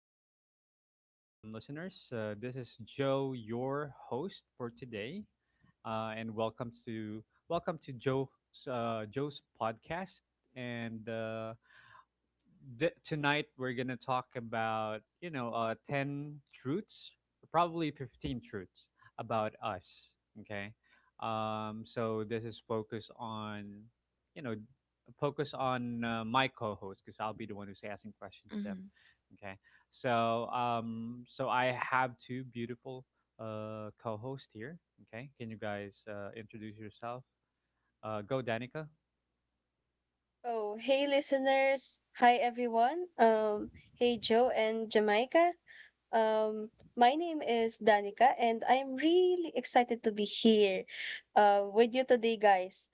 again, listeners. This is Joe, your host for today, and welcome to Joe's Joe's podcast. And uh, Tonight we're gonna talk about 10 truths, probably 15 truths about us, okay. So this is focused on you know focus on my co-host because I'll be the one who's asking questions to them, Mhm. okay. So I have two beautiful co-hosts here, okay. Can you guys introduce yourself? Go, Danica. Oh, hey listeners. Hi everyone. Hey Joe and Jamaica. My name is Danica and I'm really excited to be here with you today guys.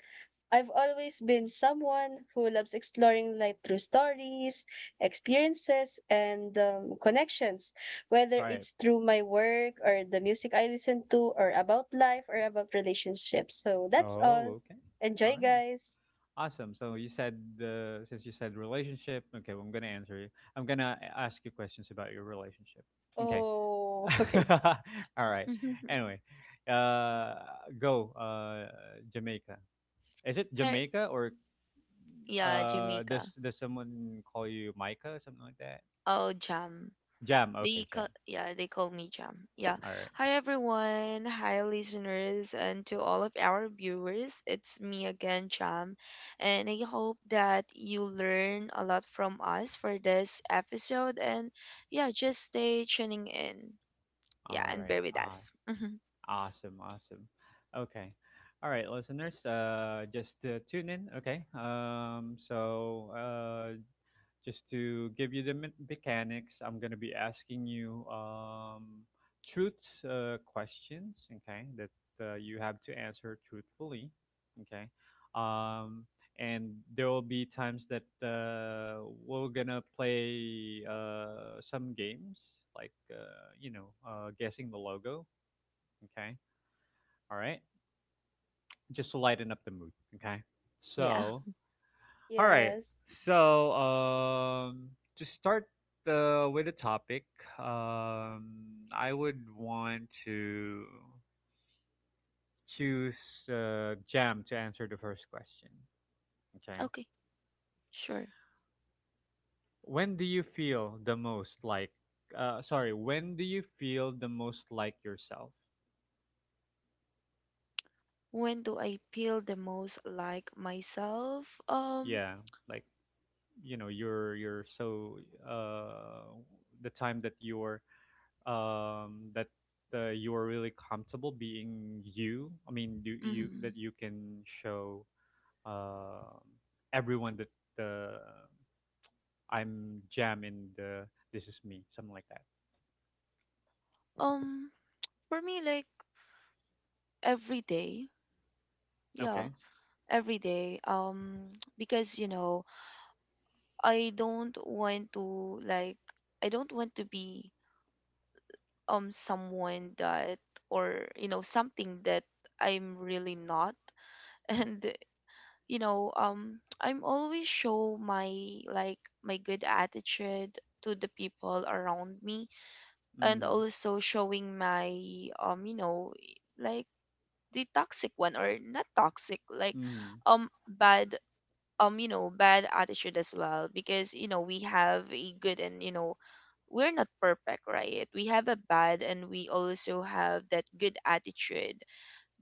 I've always been someone who loves exploring life through stories, experiences and connections, whether Right. it's through my work or the music I listen to or about life or about relationships. So that's all. Oh, okay. All Enjoy right. guys. Awesome. So you said the since you said relationship, okay, well, I'm gonna answer you. I'm gonna ask you questions about your relationship. Okay. Oh, okay. All right. Anyway, uh, go, Jamaica. Is it Her, Jamaica or yeah, Jamaica. does someone call you Micah or something like that? Oh, Jam. Jam. They Okay, call, Jam. yeah, they call me Jam. Yeah. All right. Hi everyone. Hi listeners and to all of our viewers. It's me again, Jam. And I hope that you learn a lot from us for this episode and yeah, just stay tuning in. Yeah, All and right. bear with Ah, us. Mhm. awesome. Awesome. Okay. All right, listeners, just tune in, okay? Just to give you the mechanics, I'm gonna be asking you truths questions, okay, that you have to answer truthfully, okay. Um, and there will be times that we're gonna play some games, like guessing the logo, okay. All right, just to lighten up the mood, okay. Yeah. So all right. Yes, So, to start the with the topic, um, I would want to choose Jam to answer the first question. Okay. Okay. Sure. When do you feel the most like? Sorry. When do you feel the most like yourself? When do I feel the most like myself? Yeah, like you're so uh, the time that you're that you are really comfortable being you. I mean, do you mhm. that you can show um everyone that I'm Jam in the this is me, something like that. Um, for me, like every day, yeah, Okay. every day. Because you know, I don't want to like, I don't want to be someone that or you know something that I'm really not. And you know, I'm always show my like my good attitude to the people around me, and Mm. also showing my you know, like the toxic one or not toxic, like Mm. Bad, you know, bad attitude as well, because you know we have a good and you know we're not perfect, right? We have a bad and we also have that good attitude,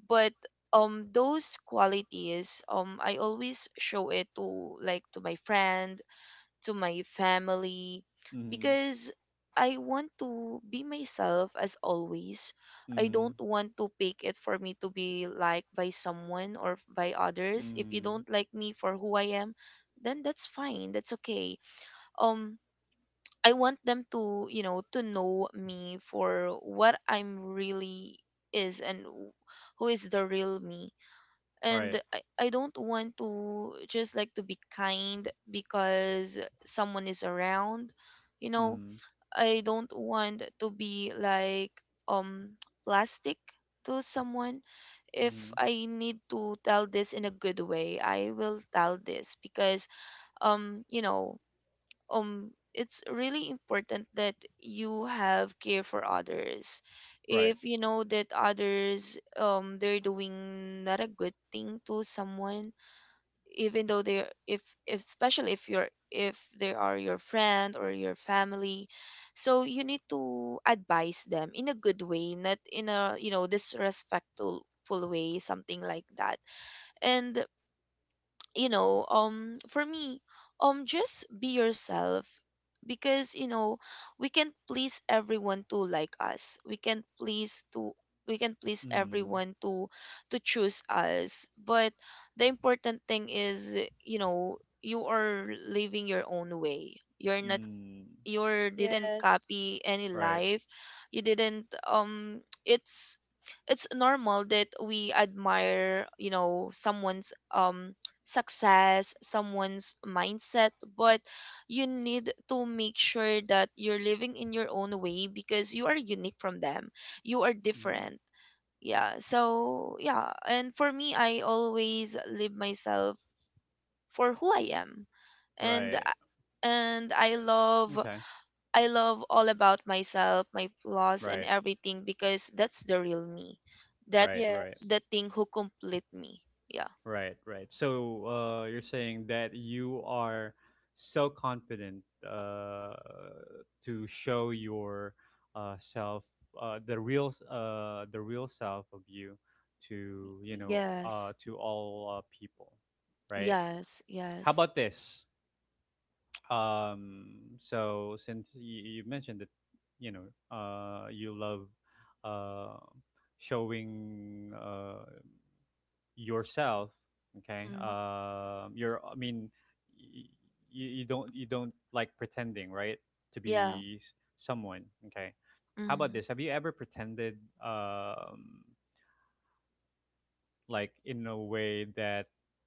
but those qualities, I always show it to, like to my friends, to my family, Mm. because I want to be myself as always. I Mm. don't want to pick it for me to be liked by someone or by others. If you don't Mm. like me for who I am, then that's fine. That's okay. Um, I want them to, you know, to know me for what I'm really is and who is the real me, and Right. I don't want to just like to be kind because someone is around, you know. Mm. I don't want to be like, um plastic to someone. If Mm. I need to tell this in a good way, I will tell this, because you know, it's really important that you have care for others. Right. If you know that others, they're doing not a good thing to someone, even though they're, if especially if you're if they are your friend or your family, so you need to advise them in a good way, not in a you know disrespectful way, something like that. And you know, for me, just be yourself. Because you know we can't please everyone to like us, we can't please to, we can please Mm. everyone to choose us, but the important thing is, you know, you are living your own way. You're not, Mm. you didn't yes, copy any Right. life, you didn't it's normal that we admire, you know, someone's success, someone's mindset, but you need to make sure that you're living in your own way, because you are unique from them, you are Mm. different. Yeah, so yeah, and for me I always live myself for who I am, and I- Right. and I love, Okay. I love all about myself, my flaws and Right. everything, because that's the real me. Right. That's Right. yes, the thing who complete me. Yeah. Right, right. So you're saying that you are so confident to show your self, the real self of you, to Yes. to all people, right? Yes. How Yes. about this? Um, so since you mentioned that, you love uh, showing yourself, okay. Mm-hmm. You're I mean y- you, Don't like pretending, right? to Yeah. be s- Someone, okay. How about Mm-hmm. this, have you ever pretended um, like in a way that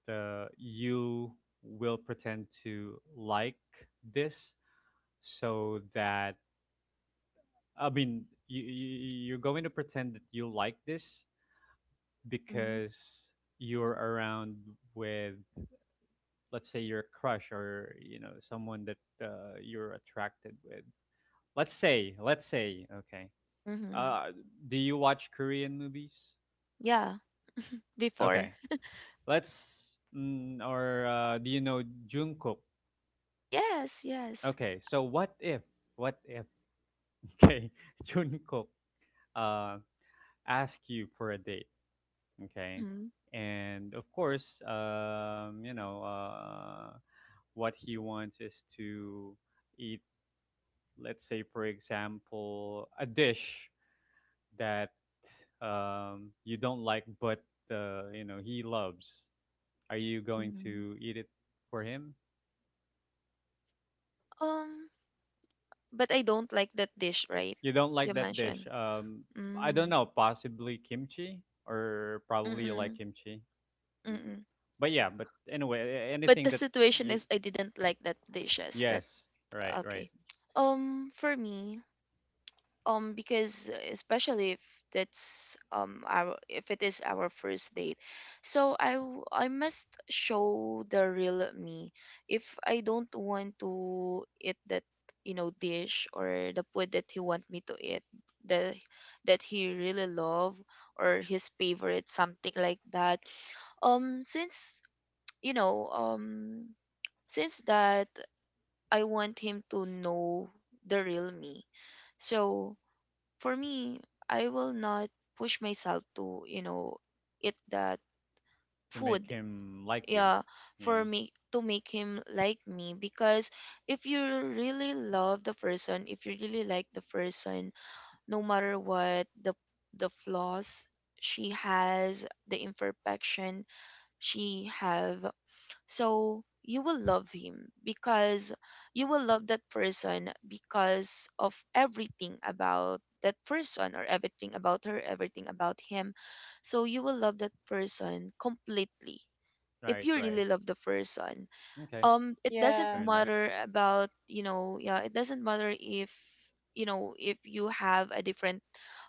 you will pretend to like this so that, I mean, you're going to pretend that you like this Mm-hmm. because you're around with, let's say, your crush or you know someone that you're attracted with. Let's say, okay. Mm-hmm. uh, do you watch Korean movies? Yeah. Before. Okay, let's or do you know Jungkook? Yes. Yes. Okay, so what if okay, Jungkook uh, ask you for a date, okay, Mm-hmm. and of course, what he wants is to eat, let's say, for example, a dish that you don't like but you know he loves. Are you going Mm-hmm. to eat it for him? Um. But I don't like that dish, right? You don't You like that dish, mentioned. I don't Mm. know, possibly kimchi, or probably you like Mm-mm. kimchi. Mm. Mm-mm. But yeah, but anyway, But anything the that situation you, is I didn't like that dishes. That yes, right, right. okay. For me, because especially if that's our if it is our first date, so i must show the real me. If I don't want to eat that, you know, dish, or the food that he want me to eat, the that he really love, or his favorite, something like that, since you know, since that I want him to know the real me, so for me, I will not push myself to, you know, eat that To make food. him like you? Yeah, for Yeah. me to make him like me. Because if you really love the person, if you really like the person, no matter what the flaws she has, the imperfection she have, so you will love him because you will love that person because of everything about that person, or everything about her, everything about him. So you will love that person completely if Right, you really right. love the person. Okay, It doesn't yeah, fair enough. matter about, you know, yeah, it doesn't matter if, you know, if you have a different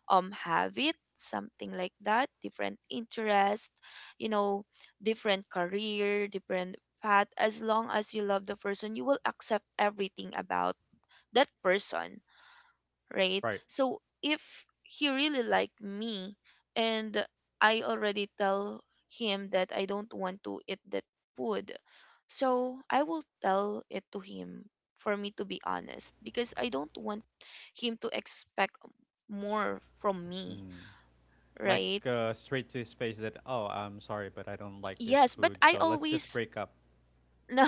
habit, something like that, different interest, you know, different career, different path. As long as you love the person, you will accept everything about that person. Right, Right. so if he really like me, and I already tell him that I don't want to eat that food, so I will tell it to him, for me to be honest, because I don't want him to expect more from me, Hmm. Like right? Straight to his face, that oh I'm sorry but I don't like this Yes, but food, I so let's just always break up? no,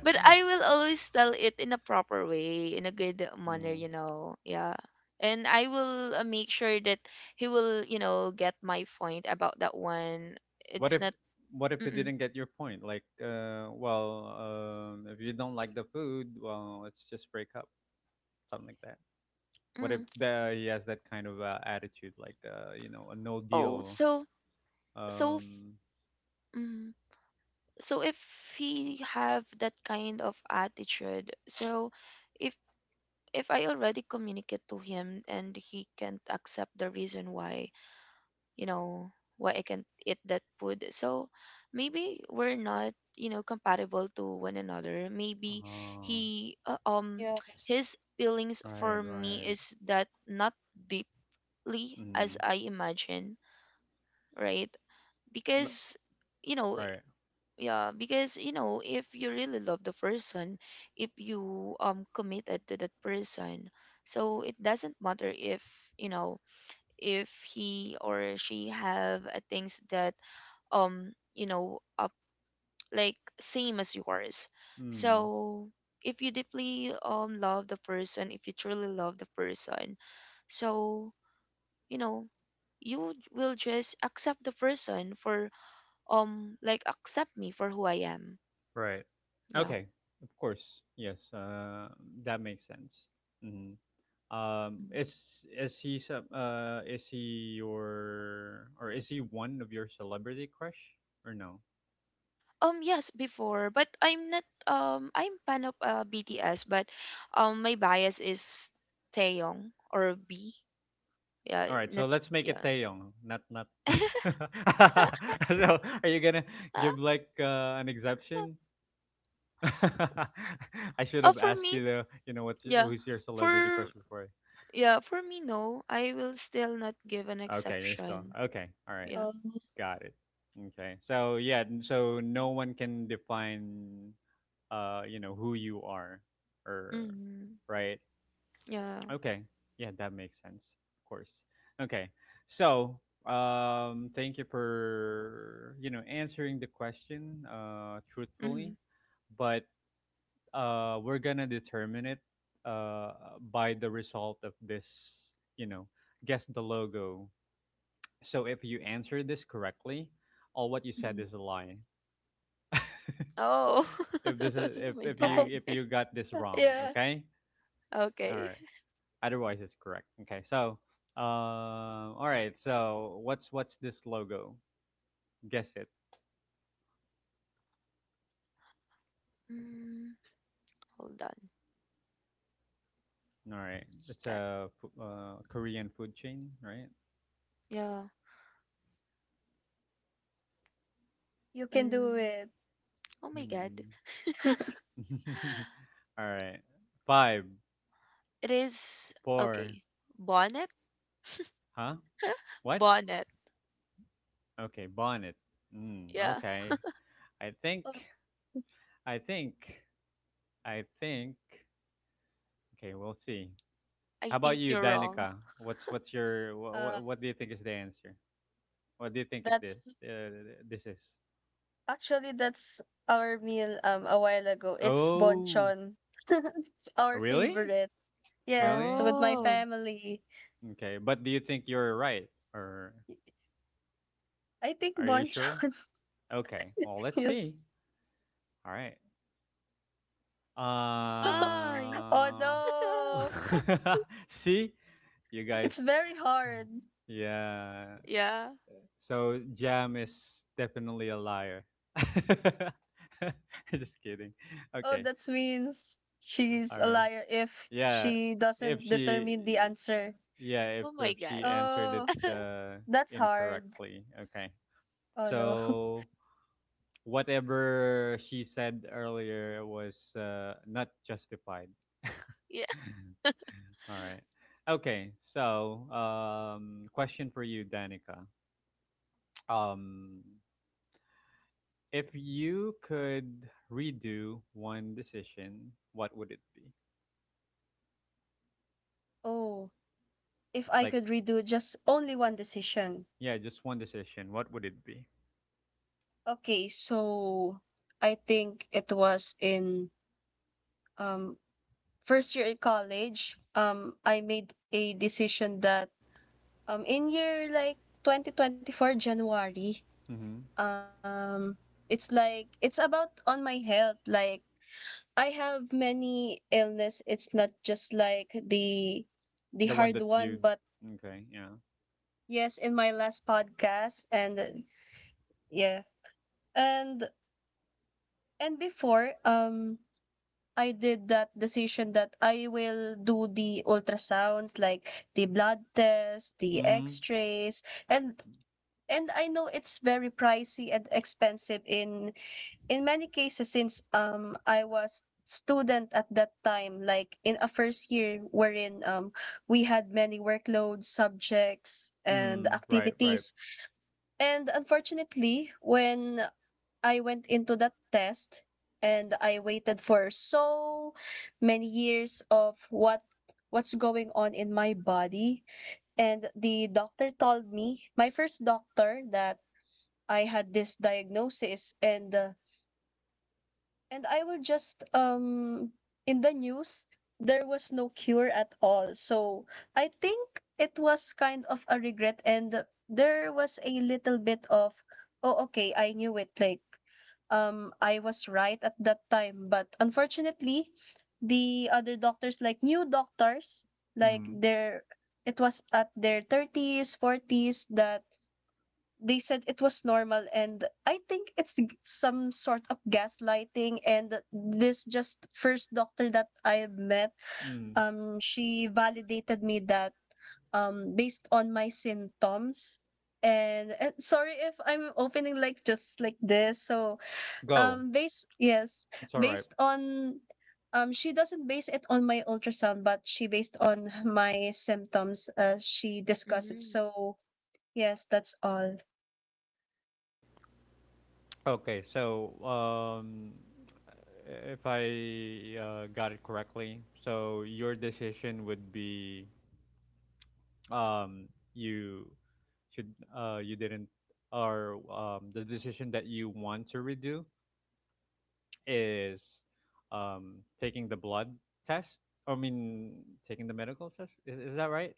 but I will always tell it in a proper way, in a good manner, Hmm. you know. Yeah. And I will make sure that he will, you know, get my point about that one. what It's if not what if he mm-mm, didn't get your point, like if you don't like the food, well let's just break up, something like that. What if mm. He has that kind of attitude, like you know, a no Oh, deal? so so um mm, so if he have that kind of attitude, so if if I already communicate to him and he can't accept the reason why, you know, why I can't eat that food, so maybe we're not, you know, compatible to one another. Maybe uh, he yes. his feelings right, for me right. is that not deeply as mm, I imagine, right? l- Because you know, right. yeah, because you know, if you really love the person, if you committed to that person, so it doesn't matter if, you know, if he or she have things that you know like same as yours. Mm. So if you deeply love the person, if you truly love the person, so you know, you will just accept the person for like accept me for who I am. Right. Yeah. Okay. Of course. Yes. That makes sense. Hmm. Um, Mhm. is is he your, or is he one of your celebrity crush or no? Yes, before, but I'm not I'm fan of BTS, but my bias is Taeyong or B. Yeah, All right. So not let's make it yeah. Taeyong, not not. So are you gonna give, like, an exception? I should have for asked me, you the you know what's yeah. who's your celebrity crush For before. yeah, for me no. I will still not give an Okay, you're still exception. okay. All right. Yeah. Um, Got it. Okay. So yeah, so no one can define you know, who you are or, Mhm. right? Yeah. Okay. Yeah, that makes sense. Okay. So, thank you for, you know, answering the question truthfully, Mhm. but we're going to determine it uh by the result of this, you know, guess the logo. So if you answer this correctly, all what you said Mhm. is a lie. Oh. If this is, Oh my if you, god. if you got this wrong, yeah, okay, all Okay. right, otherwise it's correct, okay. So all right, so what's this logo? Guess it. Mm, hold on. All right, What's it's that? a Korean food chain, right? Yeah. you can do Mm. it. Oh my god. Hmm. All right. five It is four okay. Bonnet? Huh? What? Bonnet. Okay, bonnet. Mm, Yeah. okay. I think i think i think okay, we'll see. I How about think you, you're wrong. Danica? What's your, Uh, what do you think is the answer? What do you think it that's this is? actually that's our meal a while ago. It's Oh, bonchon. It's our really? favorite. Yes, Really? with my Mm. Oh. family. Okay, but do you think you're right, or I think are you sure? bonchon Okay, well, let's see. is. All right. Ay. Oh Uh, no, see, you guys. it's very Mm. hard. Yeah. Yeah. So Jam is definitely a liar. Just kidding. Oh, Okay. that means she's All a right. liar if Yeah. she If doesn't she, determine the answer. yeah, Oh my if god. she answered it Oh, that's hard. incorrectly. Okay. Oh no. So whatever she said earlier was not justified. Yeah. All right. Okay. So, question for you, Danica. Um, if you could redo one decision, what would it be? Oh, if I Like, could redo just only one decision. yeah, just one decision. What would it be? Okay, so I think it was in um first year in college. I made a decision that in year like 2024 January. Mm-hmm. Um, it's like it's about on my health like I have many illness. It's not just like the The one hard that one, you, but okay, yeah. yes, in my last podcast and yeah. And and before I did that decision that I will do the ultrasounds like the blood test, the Mm. x-rays and I know it's very pricey and expensive in many cases since I was student at that time like in a first year wherein we had many workloads subjects and Mm. Right, right. activities and unfortunately when I went into that test and I waited for so many years of what's going on in my body and the doctor told me my first doctor that I had this diagnosis and I will just in the news there was no cure at all. So I think it was kind of a regret and there was a little bit of oh okay, I knew it like I was right at that time, but unfortunately the other doctors like new doctors like Mm-hmm. their it was at their 30s 40s that they said it was normal and I think it's some sort of gaslighting and this just first doctor that I met Mm. She validated me that based on my symptoms and sorry if I'm opening like just like this so Go. Based yes It's all right. based on she doesn't base it on my ultrasound but she based on my symptoms as she discussed it Mm. so yes that's all. Okay, so if I got it correctly, so your decision would be, um you should you didn't or the decision that you want to redo is, um taking the blood test. I mean, taking the medical test. Is that right?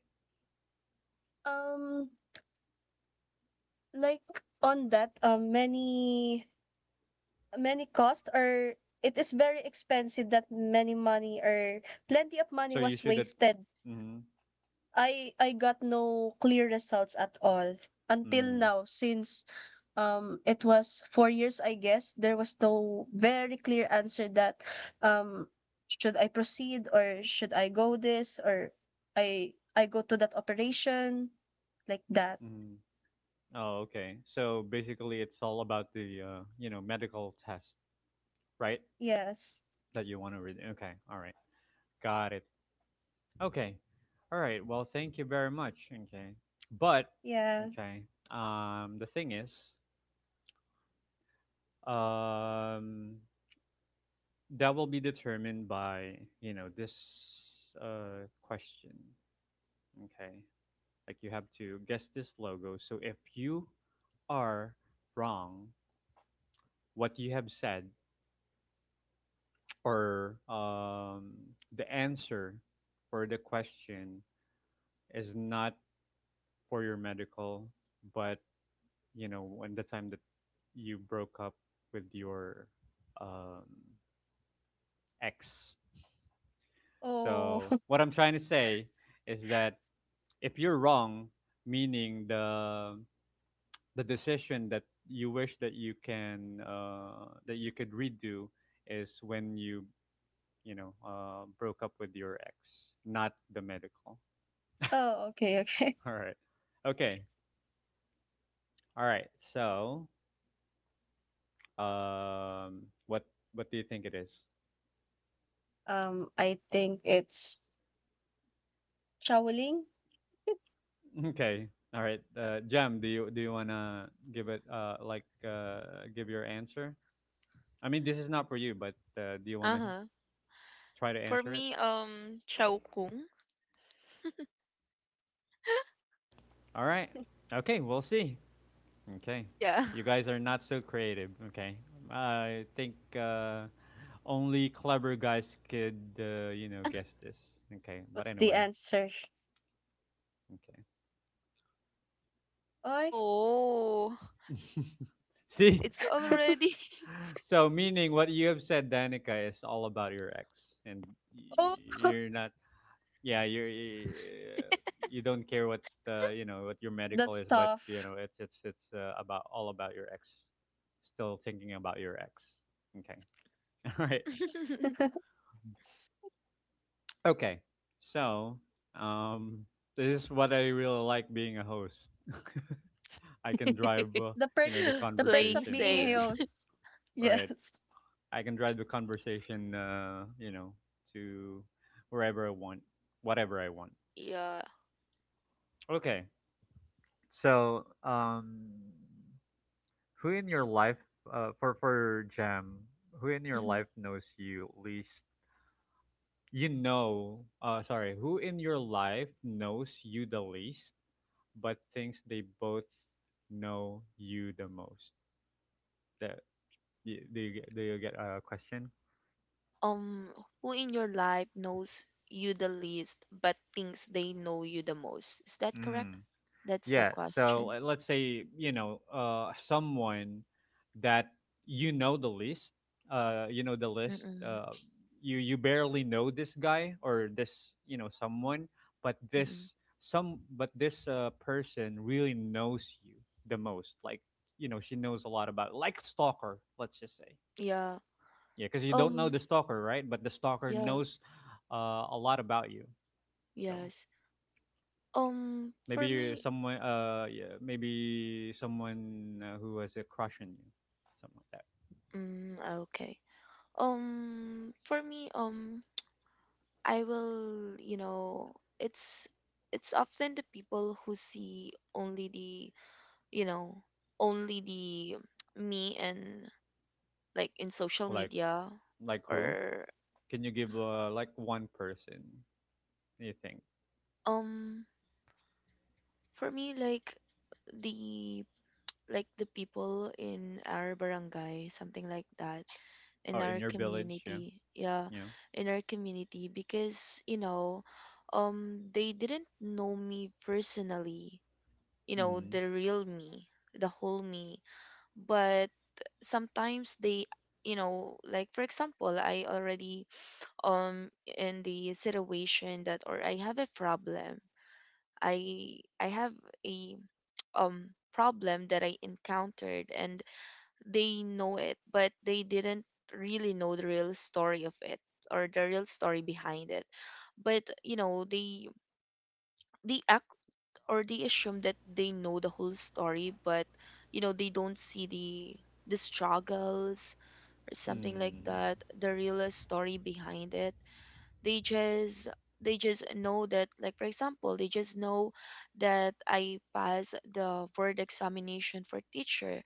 Um, like on that, many many cost or it is very expensive that many money or plenty of money So you was should at, wasted. mm, I got no clear results at all until mm, now since it was 4 years I guess there was no very clear answer that um should I proceed or should I go this or I go to that operation like that. mm. Oh, okay. So basically it's all about the you know, medical test, right? Yes. That you want to read. Okay. All right. Got it. Okay. All right. Well, thank you very much. Okay. But Yeah. okay. The thing is, um that will be determined by, you know, this question. Okay. Like, you have to guess this logo. So if you are wrong, what you have said, or the answer for the question is not for your medical, but you know when the time that you broke up with your um, ex. Oh, So what I'm trying to say is that if you're wrong, meaning the decision that you wish that you can, that you could redo, is when you know, broke up with your ex, not the medical. oh, okay, okay. All right. Okay. All right. So, um, what what do you think it is? I think it's traveling. Okay. All right. Jam, do you wanna give it give your answer? I mean, this is not for you, but do you wanna Uh-huh. try to For answer it? me, um, Chow Kung. All right. Okay. We'll see. Okay. Yeah. You guys are not so creative. Okay. I think. Only clever guys could, you know, guess this. Okay, but What's the anyway, answer? okay. Oy, Oh, See, it's already so meaning what you have said, Danica, is all about your ex, and Oh, you're not. Yeah, you're. You don't care what you know what your medical that's is, but you tough. know it's about all about your ex. Still thinking about your ex. Okay. All right. the Okay. So, um, this is what I really like being a host. I can drive, you know, the the perks playing of conversation. being a Yeah, safe. host. right. Yes. I can drive the conversation, you know, to wherever I want, whatever I want. Yeah. Okay. So, who in your life, for Jam, who in your life knows you least? You know, sorry, who in your life knows you the least, but thinks they both know you the most? That do, do you get a question? um who in your life knows you the least but thinks they know you the most, is that correct? That's the Yeah. So question. Let's say you know someone that you know the list. You know the list. Mm-mm, You you barely know this guy or this, you know, someone, but mm-mm. this person really knows you the most. Like, you know, she knows a lot about, like, stalker. Let's just say, Yeah. yeah, because you don't know um the stalker, right? But the stalker yeah. knows a lot about you. So. Yes. For Maybe me, someone, maybe someone who was a crush on you, something like that. mm, ah, okay. For me, I will, you know, it's it's often the people who see only the, you know, only the me and like in social Like, media, like who? or Can you give like one person you think? um, for me, the like the people in our barangay, something like that, in Oh, in our your village? Yeah, community, yeah, yeah. in our community, because you know, they didn't know me personally, you know, Mm, the real me, the whole me, but sometimes they. You know, like for example, I already in the situation that, or I have a problem, I have a problem that I encountered, and they know it, but they didn't really know the real story of it, or the real story behind it. But you know they act or they assume that they know the whole story, but you know they don't see the struggles or something like mm, that, the real story behind it. They just they just know that, like for example, they just know that I passed the word examination for teacher,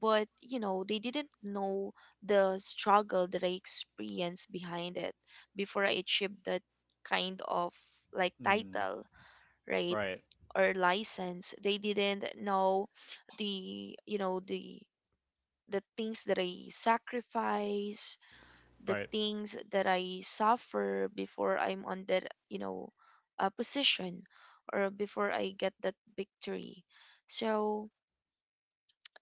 but you know they didn't know the struggle that I experienced behind it, before I achieved that kind of like mm. title, right, Right, or license. They didn't know the, you know, the things that I sacrificed, the right. things that I suffer before I'm on that, you know, position, or before I get that victory. So,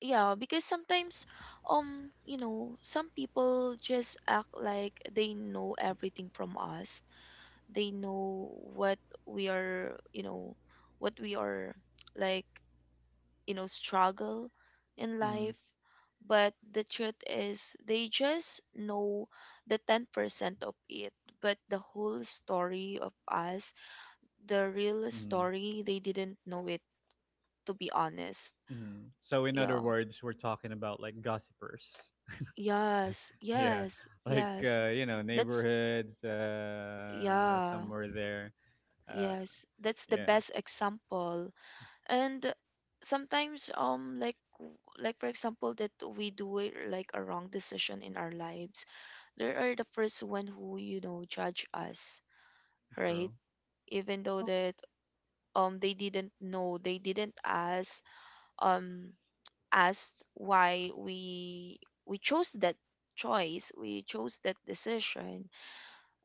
yeah, because sometimes, you know, some people just act like they know everything from us. They know what we are, you know, what we are, like, you know, struggle in Mm, life, but the truth is they just know the 10% of it, but the whole story of us, the real mm, story, they didn't know it, to be honest. mm. So, in other Yeah. words, we're talking about like gossipers. Yes, Yeah, yes, like yes. That's neighborhoods, yeah, somewhere there. Uh, yes, that's the yeah, best example. And sometimes like like for example that we do it like a wrong decision in our lives, there are the first one who, you know, judge us, true. right? Even though that they didn't know, they didn't um asked why we chose that choice, we chose that decision.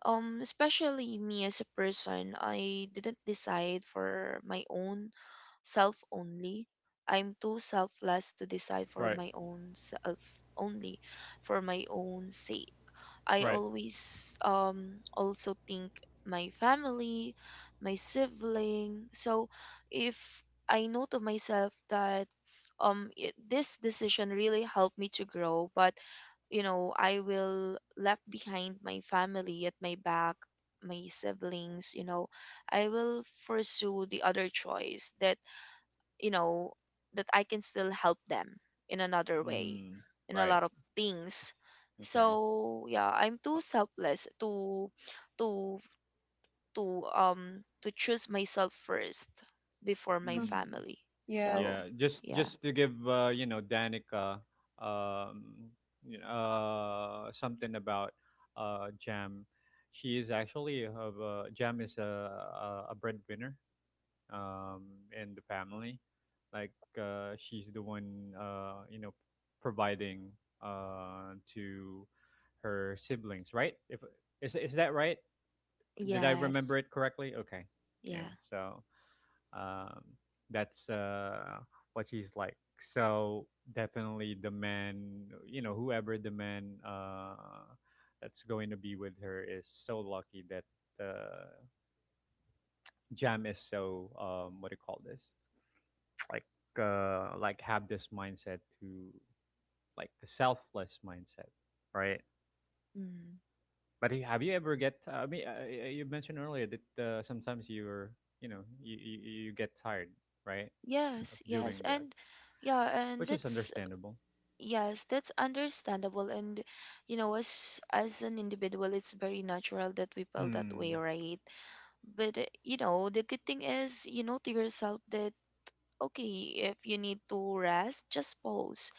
Especially me, as a person I didn't decide for my own self only. I'm too selfless to decide for Right, my own self only, for my own sake. I right. always also think my family, my sibling. So if I know to myself that this decision really helped me to grow, but you know, I will left behind my family at my back, my siblings, I will pursue the other choice that you know that I can still help them in another way Mm, in a right. lot of things. Okay. So yeah, I'm too selfless to to choose myself first before my Oh, Mm, family. So yeah. Yes. Just yeah. just to give Danica um, you know, something about Jam. She is actually of Jam is a breadwinner um, in the family. Like she's the one providing to her siblings. Right? If is is that right? Did I Yes. remember it correctly? Okay. Yeah. Yeah. So. Um, that's what she's like. So definitely the man, whoever the man that's going to be with her is so lucky that uh, Jam is so what do you call this? Like like have this mindset to like a selfless mindset, right? Mm. But have you ever get? I mean, you mentioned earlier that sometimes you're, you know, you get tired, right, of Yes. yes doing that, and Yeah. and which is that's understandable. Yes, that's understandable. And you know, as an individual, it's very natural that we feel that way, Mm, right? But you know, the good thing is you know to yourself that okay, if you need to rest, just pause.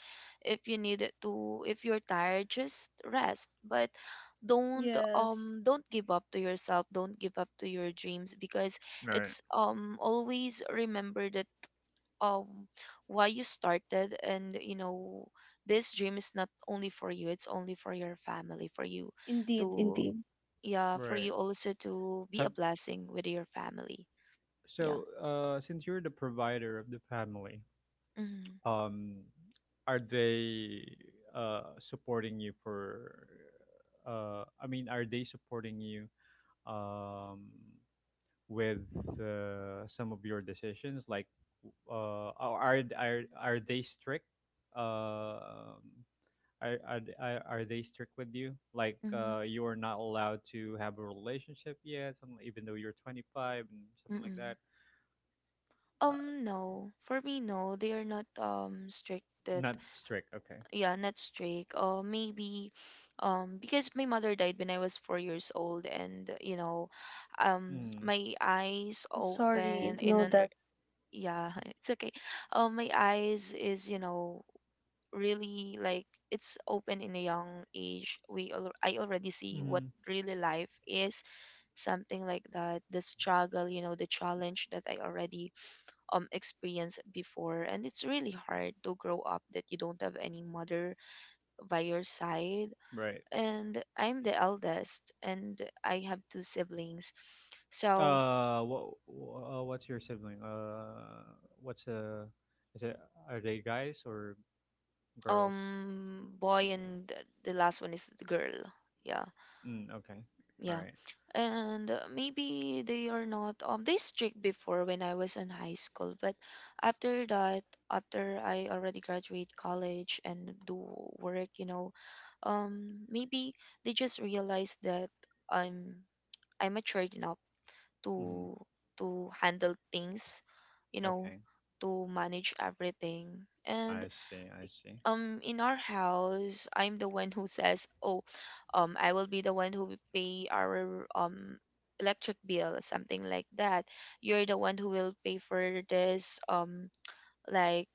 If you need it to, if you're tired, just rest. But don't Yes. um don't give up to yourself, don't give up to your dreams, because right. it's always remember that, um why you started. And you know, this dream is not only for you, it's only for your family, for you Indeed, to, indeed. yeah, for Right. you also to be a Have blessing with your family. Yeah. So since you're the provider of the family, Mm-hmm. um are they supporting you for I mean are they supporting you um with some of your decisions like are they strict? Um Are are they strict with you? Like Mm-hmm. You are not allowed to have a relationship yet, something, even though you're 25 and something like Mm-hmm. that. Uh, No, for me, no, they are not strict that Not strict. Okay. yeah, not strict. Or maybe because my mother died when I was 4 years old. And you know, Mm. my eyes Sorry open to know that. Yeah. It's okay. My eyes is, you know, really like it's open in a young age. I already see what Mm. really life is, something like that, the struggle, you know, the challenge that I already experienced before. And it's really hard to grow up that you don't have any mother by your side. Right. And I'm the eldest, and I have 2 siblings. So What's your sibling? What's is it Are they guys or girls? Boy, and the last one is the girl. Yeah. Mm, okay. All Yeah. right. And maybe they are not they strict before when I was in high school, but after that, after I already graduate college and do work, you know, maybe they just realize that I'm I'm matured enough Mm-hmm. to to handle things, you know, Okay. to manage everything. I And see. I see. In our house, I'm the one who says, oh, I will be the one who will pay our electric bill, something like that. You're the one who will pay for this, um like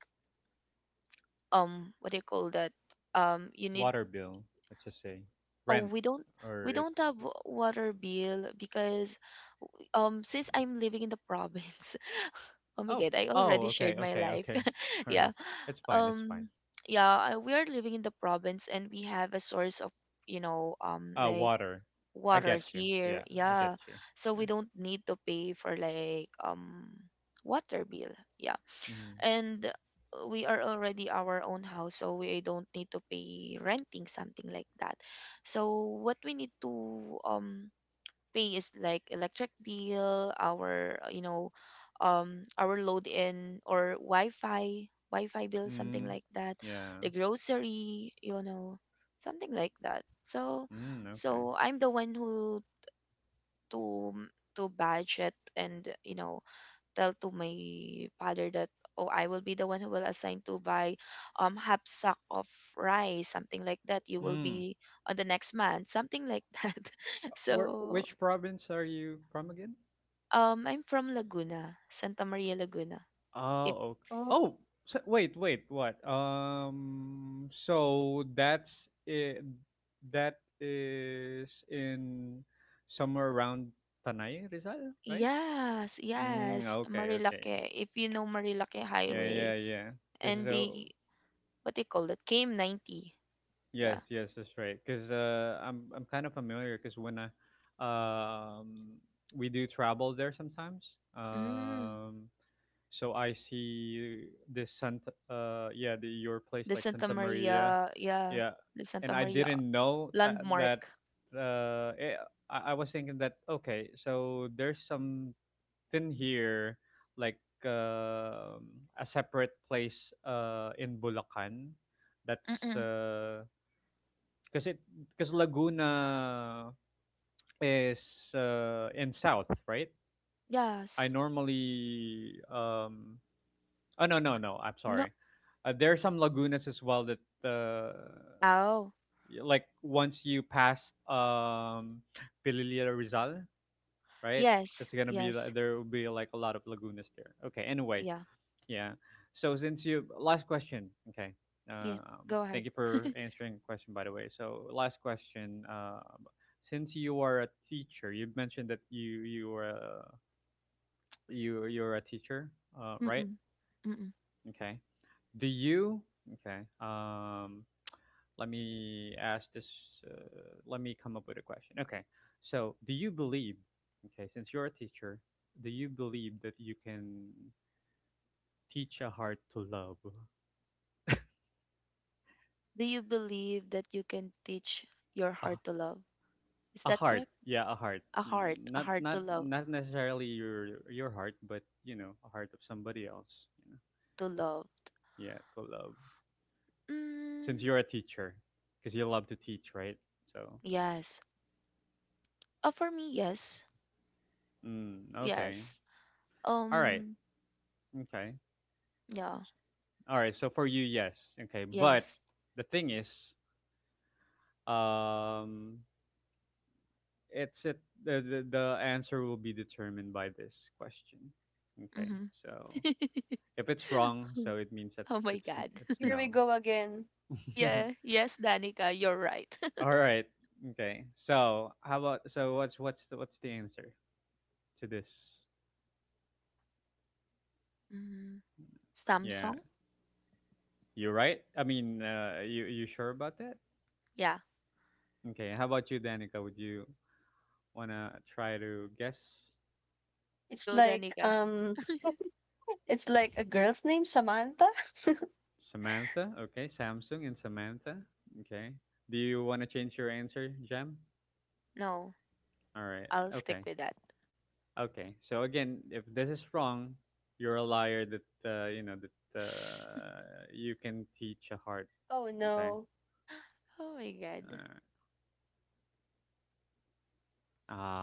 um what do you call that? You need. Water bill. Let's just say rent, Oh, we don't, or we if don't have water bill because since I'm living in the province. Oh my Oh, God, I oh, already okay, shared my okay, life. okay. All right. Yeah. It's fine. It's fine. Um yeah, we are living in the province, and we have a source of, you know, like Water. I water get you. Yeah, here. I get Yeah. you. So Yeah. we don't need to pay for like water bill. Yeah. Mm. And we are already our own house, so we don't need to pay renting, something like that. So what we need to um pay is like electric bill, our you know, our load in or Wi-Fi, Wi-Fi bill, something Mm. like that, Yeah. the grocery, you know, something like that. So, Mm, okay. so I'm the one who to to budget, and you know, tell to my father that oh, I will be the one who will assign to buy half sack of rice, something like that. You will Mm. be on the next month, something like that. So. Which province are you from again? I'm from Laguna, Santa Maria, Laguna. Oh, If okay. Oh, Oh, so, wait, wait, what? So it, that is in somewhere around Tanay, Rizal, right? yes, yes, Mm, okay, okay. Marilaque. If you know Marilaque Yeah, yeah, Highway yeah. Cause and so, the, what do you call it? KM 90. yes, Yeah. yes, that's right. Cause I'm kind of familiar. Cause um, we do travel there sometimes. Mm, Um, so I see this yeah, the your place the like Santa Santa Maria, Maria, yeah, yeah. the And Santa I Maria didn't know that. landmark. Uh, eh, I was thinking that okay, so there's some did here, like um a separate place in Bulacan. That's Mm-mm. because it because Laguna is in south, right? I Yes. normally um Oh, no, no, no, I'm No. sorry. There are some lagunas as well that Oh. Like once you pass um Pililia Rizal, right? Yes. It's gonna be li- Yes. There will be like a lot of lagunas there. Okay, anyway, Yeah. yeah. So since you last question, okay. Yeah. Go Thank ahead. you for answering the question, by the way. So last question. Since you are a teacher, you mentioned that you are a, you you're a teacher, right? Mm-mm. Mm-mm. Okay. Do you Okay? Let me ask this. Let me come up with a question. Okay. So do you believe? Okay, since you're a teacher, do you believe that you can teach a heart to love? Do you believe that you can teach your Uh, heart to love? Is a that heart, correct? yeah, a heart. N- A not heart not to love, not necessarily your heart, but a heart of somebody else, you to loved. Yeah, to love, since Mm, you're a teacher, because you love to teach, right? So yes. For me, yes, mm, okay, yes. all right, Um, okay, yeah, all right, so for you yes, okay, but yes. the thing is, um it's it the, the answer will be determined by this question, okay, Mm-hmm. so if it's wrong, so it means that Oh my it's God. it's here we no. go again. Yeah, yes, Danica, you're right. All right. Okay. So how about so what's the answer to this? Mm, Yeah, Samsung? you right. I mean, you sure about that? Yeah, Okay. How about you, Danica? Would you wanna try to guess It's go, like Danica. It's like a girl's name, Samantha. Samantha? Okay, Samsung and Samantha. Okay. Do you wanna change your answer, Jem? No, All right. I'll Okay. stick with that. Okay. So again, if this is wrong, you're a liar. That uh, you know that uh, you can teach a heart. oh Okay. no. Oh my God. Uh,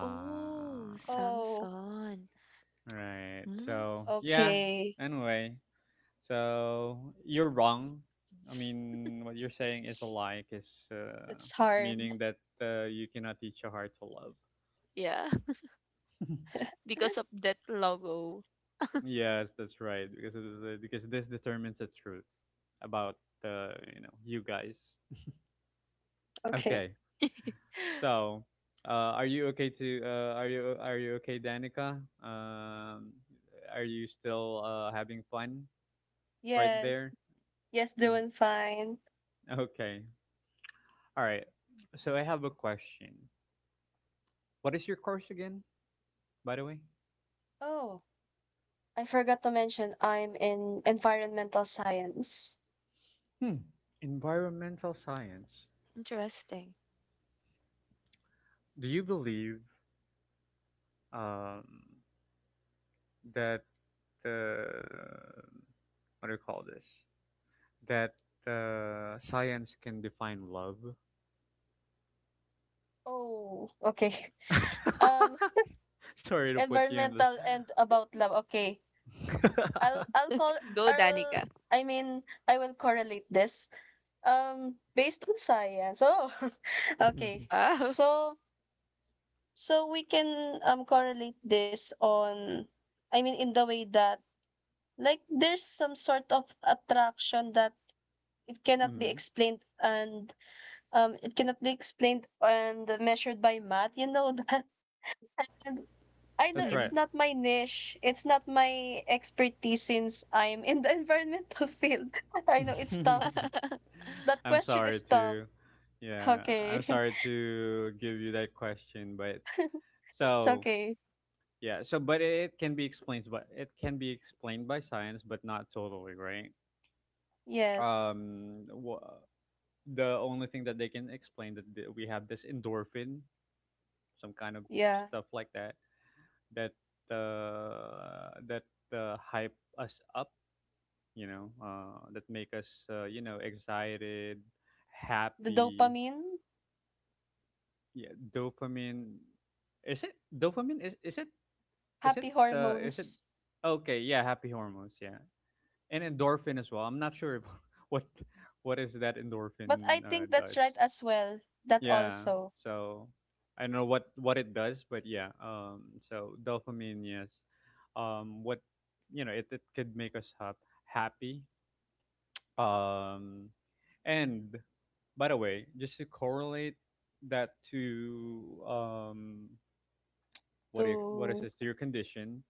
Oh, Oh, Samsung. right. Mm, So, yeah, okay. anyway, so you're wrong. I mean, what you're saying is a lie, is uh, That's hard. meaning that you cannot teach a heart to love. yeah, because of that logo. Yes, that's right, because this determines the truth about you guys. Okay. Okay. So, are you okay, Danica? Are you still having fun right Yes. there? Yes, Mm-hmm. doing fine. Okay. All right. So I have a question. What is your course again, by the way? Oh, I forgot to mention I'm in environmental science. Hmm. Environmental science. Interesting. Do you believe um, that the what do you call this? That science can define love? Oh, okay. Um, Sorry to put you in the. environmental and about love. Okay. I'll I'll call Go, I'll Danica. I mean I will correlate this. Based on science. Oh, okay. Mhm. Wow. So So we can correlate this on, I mean, in the way that like there's some sort of attraction that it cannot be Mhm. explained and it cannot be explained and measured by math. You know that. And I know That's Mm-hmm. right. it's not my niche. It's not my expertise since I'm in the environmental field. I know it's tough. That I'm question sorry is tough. to, yeah, I'm Okay. sorry to give you that question, but It's so okay. But it can be explained, by science, but not totally, right? Yes. Wha The only thing that they can explain that we have this endorphin, some kind of Yeah. stuff like that, that uh, that hype us up, that make us, excited, The happy. dopamine. Yeah, dopamine. Is it dopamine? Is it Happy is it? hormones. Okay, yeah, happy hormones. Yeah, and endorphin as well. I'm not sure if, what what is that But I endorphin think that's does. right as well. That Yeah, also so I don't know what it does, but yeah. So dopamine, yes. Um, what it could make us happy. Um, and by the way, just to correlate that to what is to this to your condition,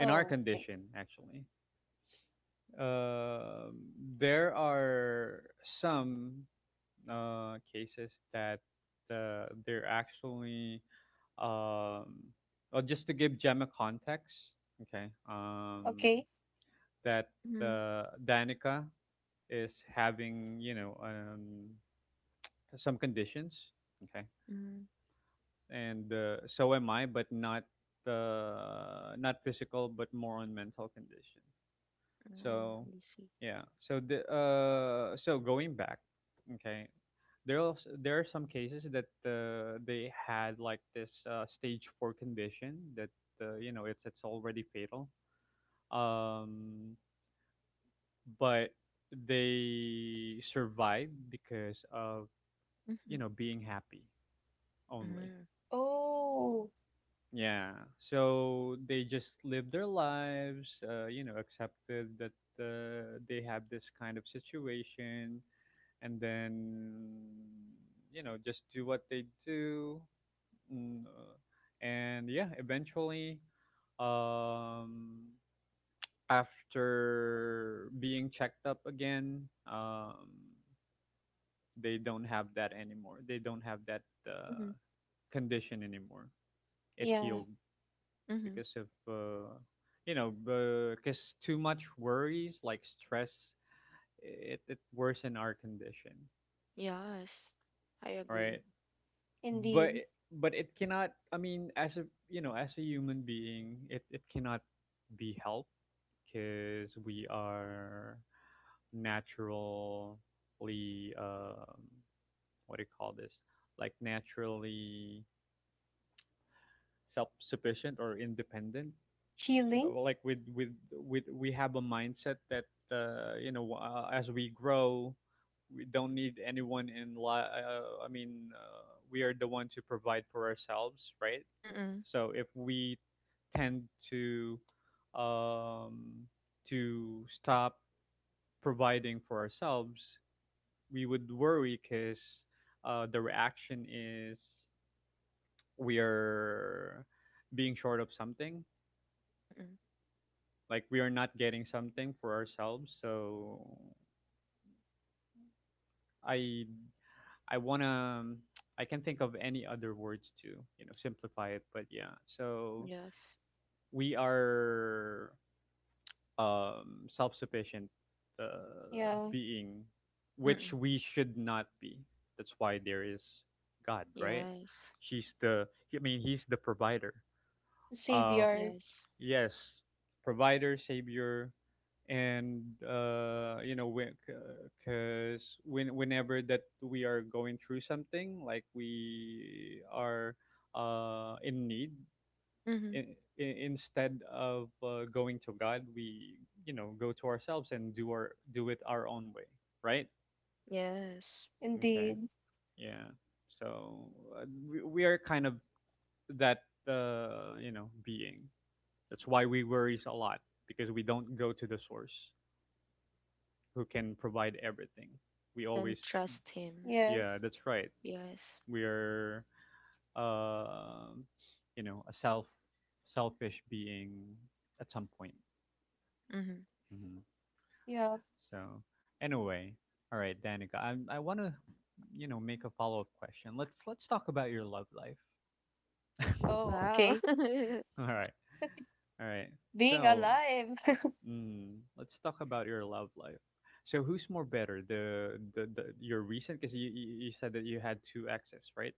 in our oh okay. condition actually um, there are some cases that they're actually, um, well, just to give Gemma context, okay, Okay. that Mm-hmm. Danica is having, some conditions, okay, Mm-hmm. and so am I, but not not physical, but more on mental condition. Oh, So, let me see. yeah. So the so going back, okay. There are some cases that they had like this stage four condition that it's already fatal. Um, but they survived because of, Mm-hmm. Being happy only. Mm-hmm. Oh Yeah. So they just lived their lives, you know, accepted that they have this kind of situation, and then, just do what they do. Mm, and yeah, eventually, um after being checked up again, um they don't have that anymore, they don't have that uh, Mm-hmm. condition anymore, it yeah, healed, Mm-hmm. because of, you know, because too much worries like stress, it worsen our condition, Yes, I right? agree. But indeed. It cannot, I mean, as a, as a human being, it cannot be helped, because we are naturally, um what do you call this, like naturally self-sufficient or independent, Healing. like with we have a mindset that as we grow, we don't need anyone in I mean we are the one to provide for ourselves, right? Mm-mm. So if we tend to, um, to stop providing for ourselves, we would worry because the reaction is we are being short of something, Mm-mm. like we are not getting something for ourselves. So I I wanna, I can think of any other words to, simplify it, but yeah. So Yes. we are, self-sufficient Yeah. being, which Mm-mm. we should not be. That's why there is God, right? Yes. He's the, I mean, he's the provider. Um, Savior. Yes. yes, provider, savior, and, you know, because when, whenever that we are going through something, like we are in need, Mm-hmm. in, instead of, going to God, we, you know, go to ourselves and do our, do it our own way, right? Yes. Okay, Indeed. yeah. So uh, we are kind of that, you know, being. That's why we worries a lot, because we don't go to the source who can provide everything. We And always, trust him. yeah, Yes. that's right. Yes. We are, uh, you know, a selfish being at some point. Mm-hmm. Mhm. Yeah. So anyway, all right, Danica, I want to, you know, make a follow up question. Let's talk about your love life. Oh, Wow. okay. All right, all right. Being So alive. mm, let's talk about your love life. So who's more better, the, the your recent? Because you said that you had two exes, right?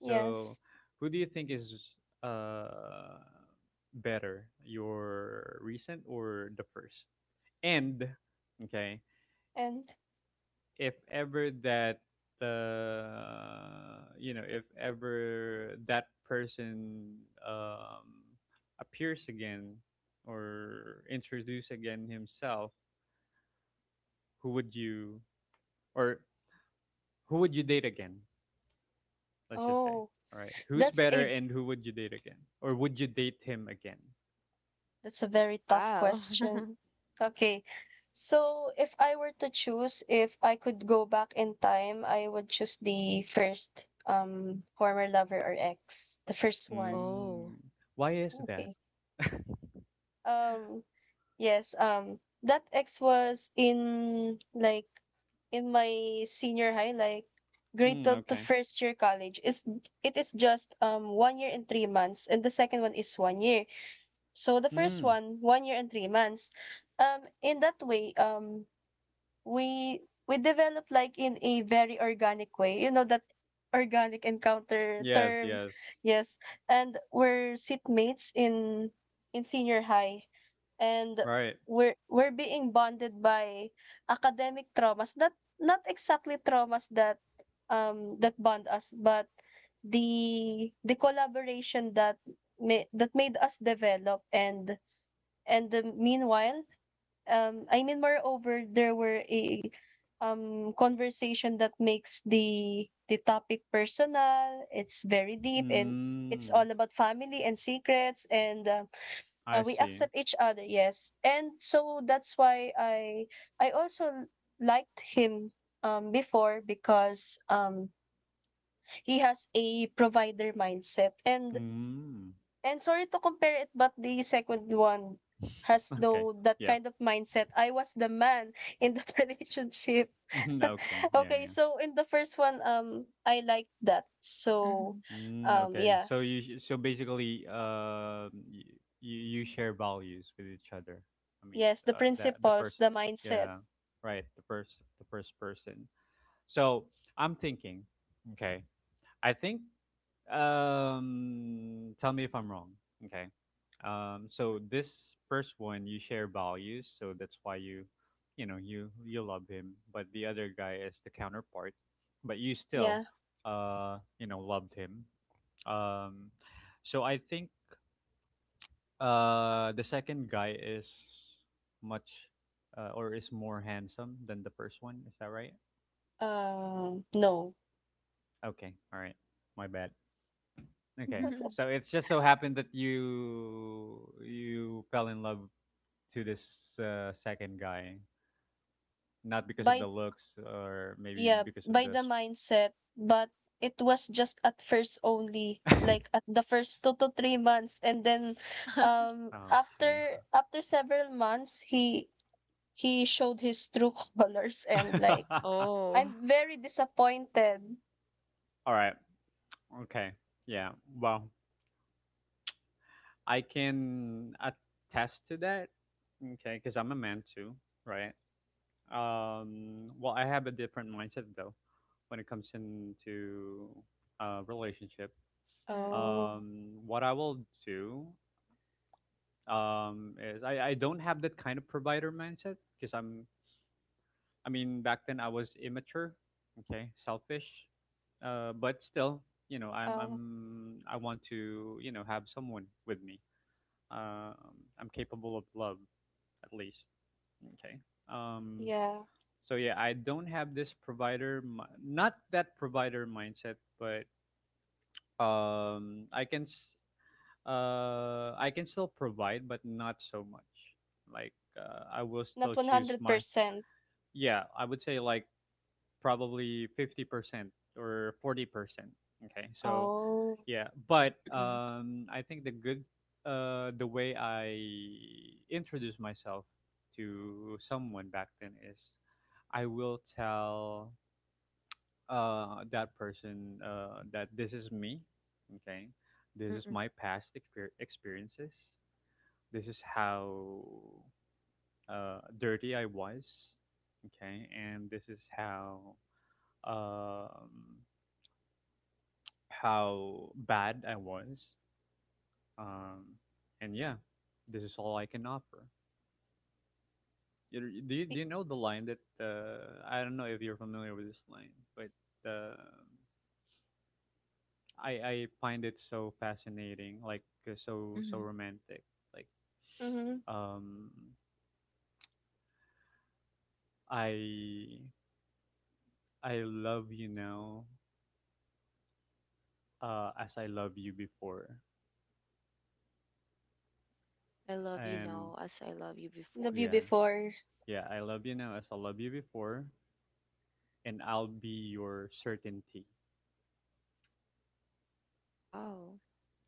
So yes. who do you think is uh better, your recent or the first? And okay, And if ever that, you know, if ever that person, um, appears again, or introduce again himself, who would you, or who would you date again, let's just say, oh, all right, who's that's better, a and who would you date again, or would you date him again? that's a very tough Wow. question. Okay. So if I were to choose, if I could go back in time, I would choose the first former lover or ex, the first one. Mm, Oh. why is that? Okay. Um yes, that ex was in like in my senior high like grade Mm, 12 to okay, first year college. It's it is just 1 year and 3 months and the second one is 1 year. So the first mm, one, 1 year and 3 months. In that way, we we develop like in a very organic way you know that organic encounter yes, term yes, yes and we're seatmates in senior high and right, we're being bonded by academic traumas not not exactly traumas that that bond us but the collaboration that that made us develop and the meanwhile I mean, moreover, there were a conversation that makes the topic personal. It's very deep and it's all mm, about family and secrets and I we see. accept each other. Yes, and so that's why I also liked him before because he has a provider mindset and Mm. Sorry to compare it, but the second one has Okay. though that Yeah. kind of mindset. I was the man in that relationship. Mhm, okay. Yeah. okay, Yeah. so in the first one, I liked that. So, Mm, okay. yeah, So you sh- so basically you, you share values with each other. I mean yes, the the principles, first, the mindset. yeah, right, the first, the first person. So I'm thinking. Okay, I think tell me if I'm wrong. Okay. So this first one, you share values, so that's why you, you love him, but the other guy is the counterpart, but you still, Yeah, you know, loved him. Um, so I think the second guy is much, or is more handsome than the first one. Is that right? No, Okay. All right. My bad. Okay. Mm-hmm. So it's just so happened that you fell in love to this second guy, not because of by the looks or maybe yeah, because of by the. the mindset, but it was just at first only like at the first 2 to 3 months and then Okay. after after several months he showed his true colors and like Oh. I'm very disappointed. All right. Okay. Yeah. Well, I can attest to that. Okay, because I'm a man too, right? Well, I have a different mindset though when it comes into relationship. Mm-mm. Oh. What I will do is I don't have that kind of provider mindset because I mean, back then I was immature, okay, selfish, but still, you know, Um, I want to, you know, have someone with me. um I'm capable of love, at least. Okay. um yeah, so yeah, I don't have this not that provider mindset, but I can, I can still provide, but not so much. Like, I will not still choose my, 100%. yeah. I would say like probably 50% or 40%. Okay, so Oh. yeah, but Mm-mm. I think the good, the way I introduce myself to someone back then is I will tell, that person, that this is me. Okay, this is Mm-mm. my experiences. This is how dirty I was, okay, and this is um, how bad I was, um, and yeah, this is all I can offer. Do Be- you know the line that, I don't know if you're familiar with this line, but uh, I find it so fascinating, like, so Hmm. so romantic, like, mhm, um I I love you now, as I love you before. I love you And now as I love you before. Love you yeah, before. yeah, I love you now as I love you before, and I'll be your certainty. Wow.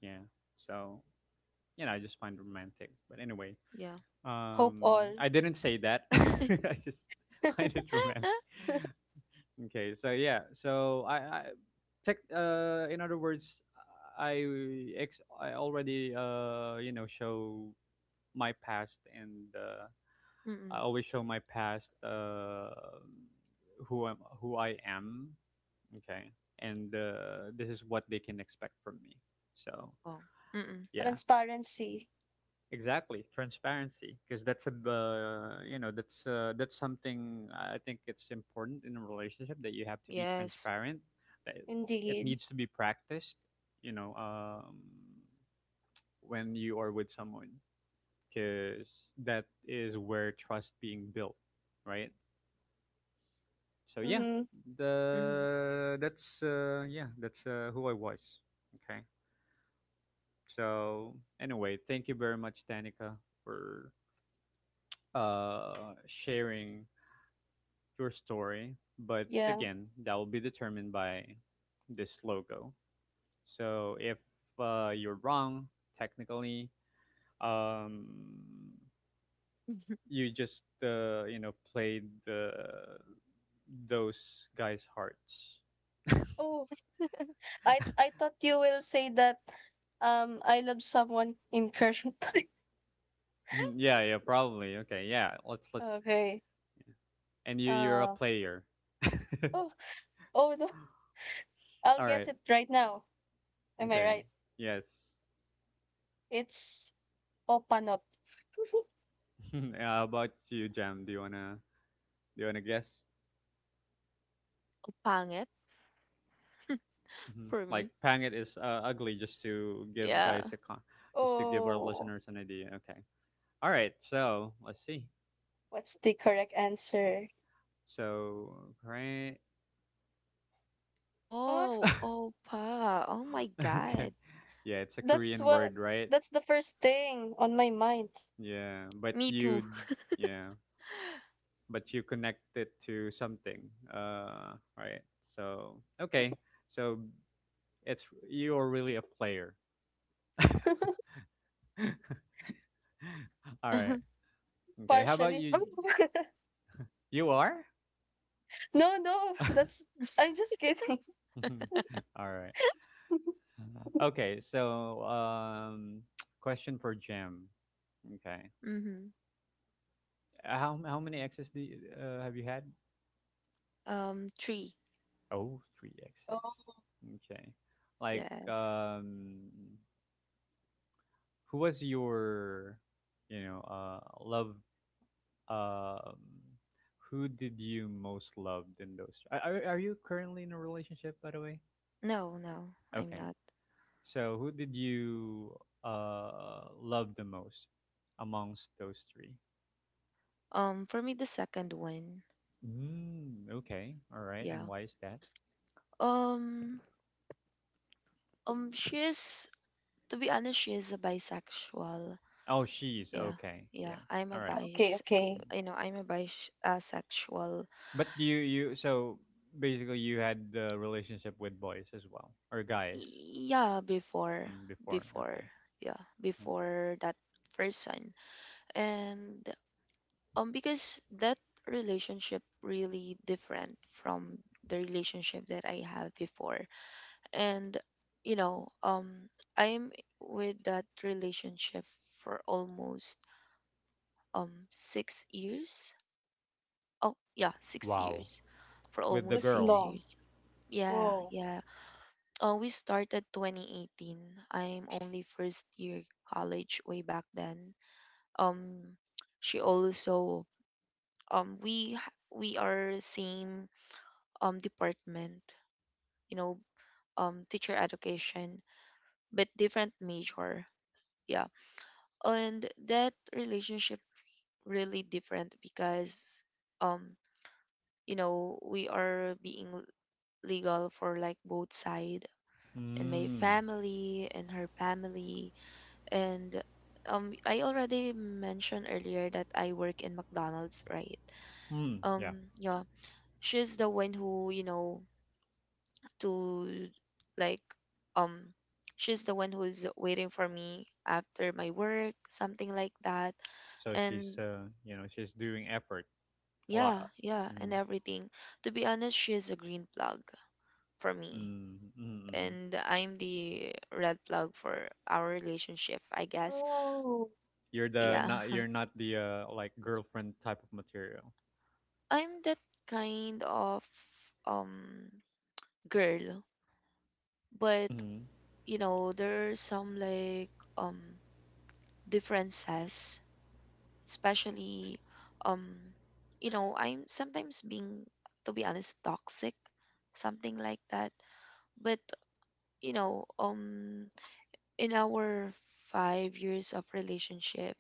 Yeah. So, you know, I just find it romantic. But anyway, Yeah. Hope all. I didn't say that. Mm-mm. I just find it romantic. Okay. So yeah. So I tech. In other words, I ex. I already, you know, show my past, and I always show my past, who I am. Okay, and this is what they can expect from me. So Oh. Mm-mm. yeah, Transparency, exactly, transparency, because that's a, you know, that's something I think it's important in a relationship, that you have to be Yes. transparent. That it indeed. needs to be practiced. You know, when you are with someone, because that is where trust being built, right? So yeah, Mm-hmm. Mm-hmm. the that's yeah, that's who I was. Okay. So anyway, thank you very much, Danica, for uh, sharing your story. But Yeah. again, that will be determined by this logo. So if, you're wrong, technically, um, you just, you know, played the, those guys' hearts. Oh, I thought you will say that I love someone in current time. Mhm. Yeah, yeah, probably. Okay, yeah. Let's Okay. and you're a Uh player. oh oh no. I'll All guess right. it right now. Am I Okay. right? Yes. It's O panot. How about you, Jam? Do you wanna guess? Pangit Hmm. for Like me. Pangit is, ugly, just to give Yeah. Just to give our Oh, listeners an idea. Okay. All right. So let's see. what's the correct answer? So right. Oh, Oh, opa. Oh my Okay. God. Yeah, it's a that's Korean what word, right? that's the first thing on my mind. Yeah, but Me you. too. Yeah. But you connect it to something, right? So okay, so it's you're really a player. All right. Okay. How about Partially. you? You are. No, no, All that's I'm just kidding. right. Okay. So question for Jim. Okay. Mm-hmm. How many X's do you, have you had? Three. Oh, three X's. Oh, Okay. Like, Yes. um, who was your, you know, love, um who did you most love in those, are you currently in a relationship, by the way? No, no, I'm Okay, not. so who did you, love the most amongst those three? For me, the second one. Mm, okay, all right, and Yeah. why is that? Um, um, she is, to be honest, she is a bisexual. Oh, she's Yeah. okay, Yeah, yeah, I'm a all right. okay, bias. okay. Mm. You know, I'm a bias, sexual. But you, so basically you had the relationship with boys as well, or guys? Yeah, before. Mm, before. Before. Okay. Yeah, Mhm. before that person. And because that relationship really different from the relationship that I have before. And you know, I'm, with that relationship for almost 6 years. Oh, yeah, 6 Wow. years, for With the almost That's girl. 6 long. years. Yeah, Whoa. yeah. Oh, we started 2018. I'm only first year college way back then. Um, she also, we are same department, you know, teacher education, but different major. Yeah. And that relationship really different because um you know, we are being legal for like both side, and my Mm. family and her family. And I already mentioned earlier that I work in McDonald's, right? Hmm. Yeah. Yeah, she's the one who, you know, to like, um, she's the one who's waiting for me after my work, something like that. So she's, And you know, she's doing effort a yeah, lot. yeah, and Mm, everything. To be honest, she is a green plug for me. mm, mm, mm. And I'm the red plug for our relationship, I guess. Oh, You're the Yeah. not, you're not the, like girlfriend type of material. I'm that kind of um girl, but Mm, you know, there are some like um differences, especially um you know, I'm sometimes being, to be honest, toxic, something like that. But you know, in our 5 years of relationship,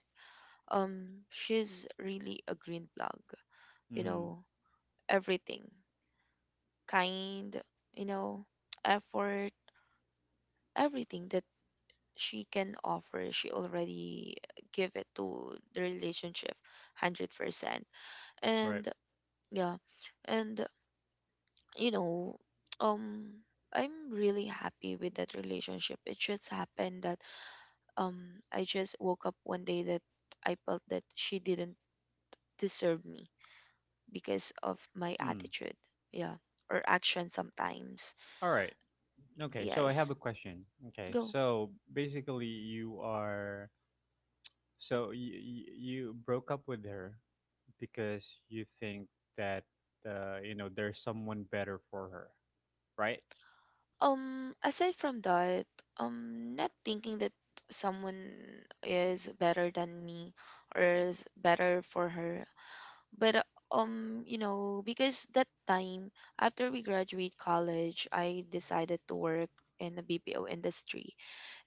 she's really a green plug, you mm, know, everything, kind, you know, effort, everything that she can offer, she already give it to the relationship 100%. right. And yeah. And you know, um I'm really happy with that relationship. It just happened that I just woke up one day that I felt that she didn't deserve me because of my Mm. attitude. Yeah. Or action sometimes. All right. Okay. So I have Yes, a question. Okay. go. So basically, you are, so you broke up with her because you think that, you know, there's someone better for her, right? Aside from that, not thinking that someone is better than me or is better for her, but you know, because that time, after we graduate college, I decided to work in the BPO industry,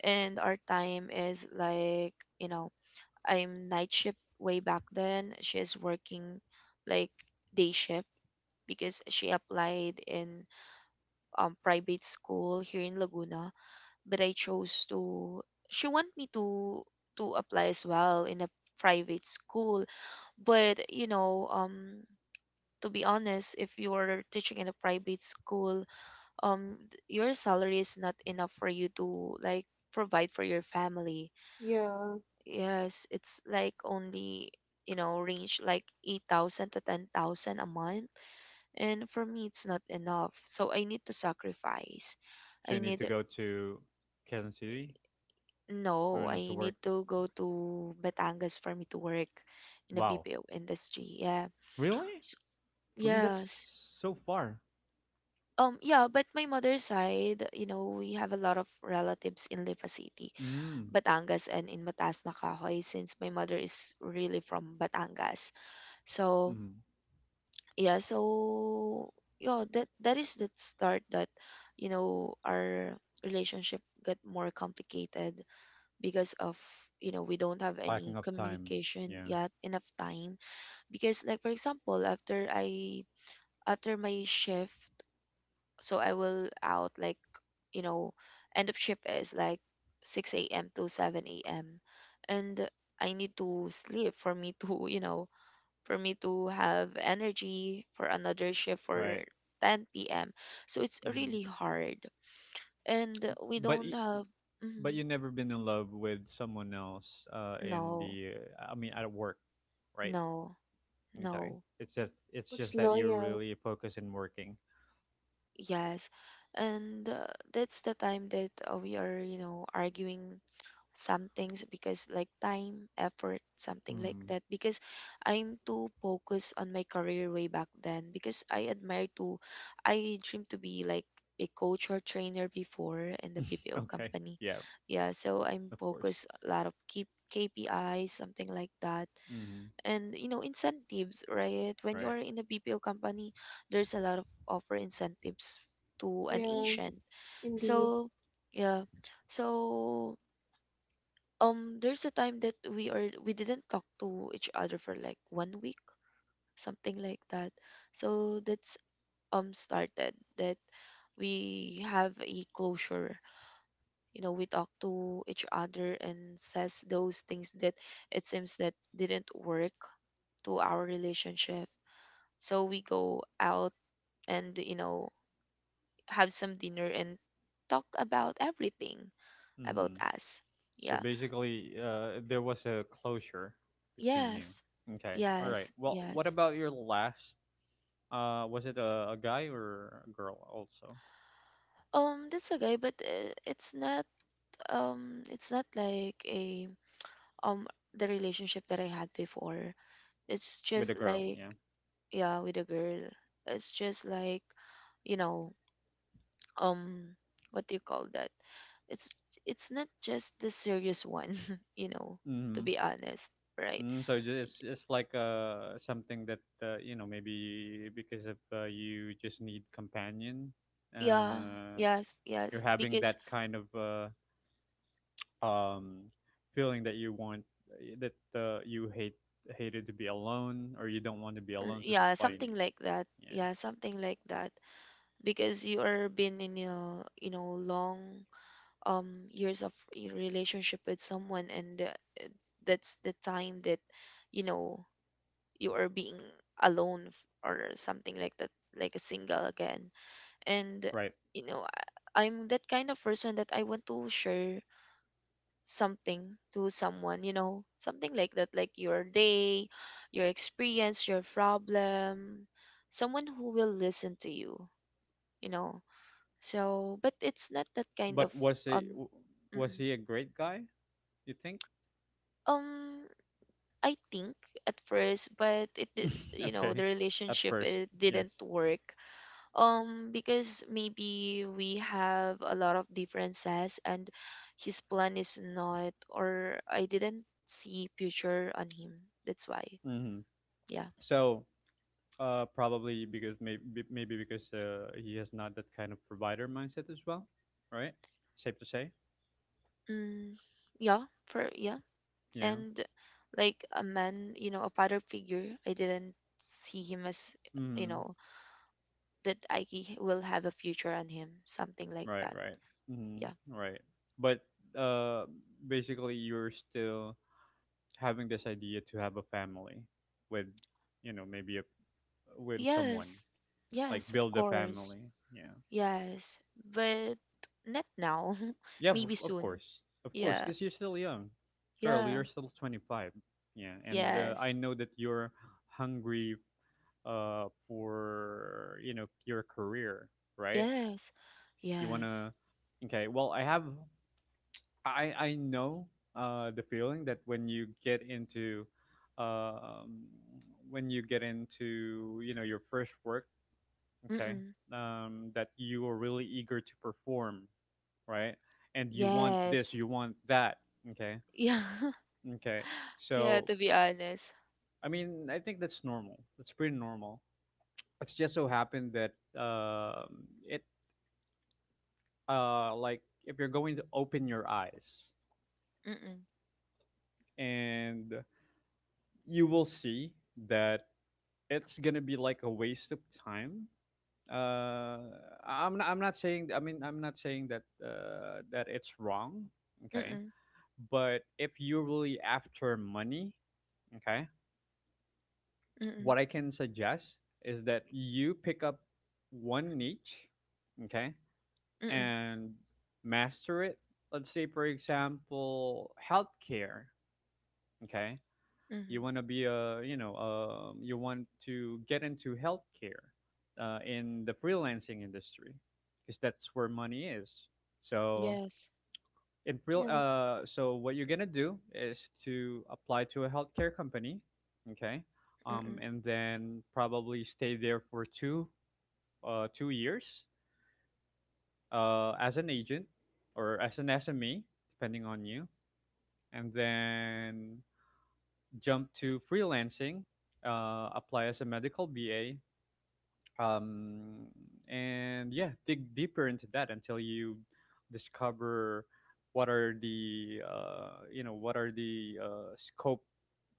and our time is like, you know, I'm night shift way back then. She's working like day shift because she applied in private school here in Laguna. But I chose to, she want me to apply as well in a private school. But you know, to be honest, if you're teaching in a private school, your salary is not enough for you to like provide for your family. yeah. Yes, it's like only, you know, range like 8,000 to 10,000 a month. And for me, it's not enough, so I need to sacrifice. So I you need to need go to Kansas City, I No, don't know, I to work. need to go to Batangas for me to work in the Wow. BPO industry. Yeah. Really? S I mean, that's Yes. so far. Yeah, but my mother's side, you know, we have a lot of relatives in Lipa City, Mm, Batangas, and in Matas na Kahoy, since my mother is really from Batangas. So, mm. yeah, yeah, that is the start that, you know, our relationship got more complicated because of, you know, we don't have any Lacking of time. communication, Yeah, yet enough time. Because like for example, after I, after my shift, so I will out like, you know, end of shift is like 6 a.m to 7 a.m. And I need to sleep for me to you know, for me to have energy for another shift for right. 10 p.m. So it's Mm. really hard, and we But don't y- have. but Mhm. you never been in love with someone else, in No, the, I mean at work, right? no. Okay. No. It's just, it's What's just that you're loyal? really focused in working. Yes. And that's the time that we are, you know, arguing some things because like time, effort, something like Mm. that. Because I'm too focused on my career way back then, because I admire to, I dream to be like a coach or trainer before in the BPO Okay. company. Yeah, Yeah, so I'm of course. focused a lot of keep KPIs, something like that, Mm, and you know, incentives, right? When you are right. in a BPO company, there's a lot of offer incentives to an Yeah, agent. indeed. So yeah. So there's a time that we didn't talk to each other for like 1 week, something like that. So that's, started that we have a closure. You know, we talk to each other and says those things that it seems that didn't work to our relationship. So we go out and, you know, have some dinner and talk about everything about Mm. us. So Yeah. basically, there was a closure between you. Yes. Okay. All right. Yes. Well, what Yes. about your last, was it a guy or a girl also? That's a guy, but it's not, it's not like a um the relationship that I had before. It's With just a girl, like, yeah. yeah, with a girl. It's just like, you know, um what do you call that? it's it's not just the serious one. You know, to Mm-hmm. be honest. Right. Mm, so ju- it's like, something that, you know, maybe because of, you just need companion. Yeah. Uh, Yes. Yes, you're having because that kind of, um feeling that you want, that, you hate hated to be alone, or you don't want to be alone, so that's yeah, why you something need. like that. Yeah, Yeah, something like that. Because you are been in a, you know, long years of relationship with someone. And that's the time that you know, you are being alone, or something like that, like a single again. And right. you know, I, I'm that kind of person that I want to share something to someone, you know, something like that, like your day, your experience, your problem, someone who will listen to you, you know. So but it's not that kind But of was he um was mm, he a great guy? You think? um I think at first, but it you know, Okay, the at relationship first, it yes. didn't work. Because maybe we have a lot of differences, and his plan is not, or I didn't see future on him. That's why. Mm-hmm. Yeah. So, probably because maybe, maybe because, he has not that kind of provider mindset as well, right? Safe to say, Mm, yeah, for yeah yeah. and like a man, you know, a father figure, I didn't see him as, you Mm-hmm. know, that I will have a future on him, something like Right, that. right. Yeah. Mm-hmm. Right. But, uh, basically, you're still having this idea to have a family with, you know, maybe a, with someone, Yes, like yes, of build a course. family. Yeah. Yes, but not now. Yeah. Maybe soon. Of course, Yeah. because you're still young, girl. Yeah. You're still 25. Yeah, and I Yes. know that you're hungry, for, you know, your career, right? Yes. You Yes. wanna, okay, well I have, I know, the feeling that when you get into, um when you get into, you know, your first work, okay, Mm-mm. That you are really eager to perform, right? And you want this, Yes. you want that, okay? Yeah. Okay. Yeah, So to be honest. I mean, I think that's normal. That's pretty normal. It's just so happened that, it like if you're going to open your eyes Mm-mm. and you will see that it's gonna be like a waste of time. Uh, I'm not saying, I mean, I'm not saying that, that it's wrong, okay. Mm-mm. But if you're really after money, okay, Mm-mm. what I can suggest is that you pick up one niche, okay, Mm-mm. and master it. Let's say, for example, healthcare, okay, you Mm-mm. want to be a, you know, you want to get into healthcare, in the freelancing industry, because that's where money is. So Yes. in freel Yeah. So what you're gonna do is to apply to a healthcare company, okay, Mm-mm. and then probably stay there for two, 2 years as an agent or as an SME, depending on you, and then jump to freelancing, apply as a medical BA, um, and yeah, dig deeper into that until you discover what are the, you know, what are the, scope,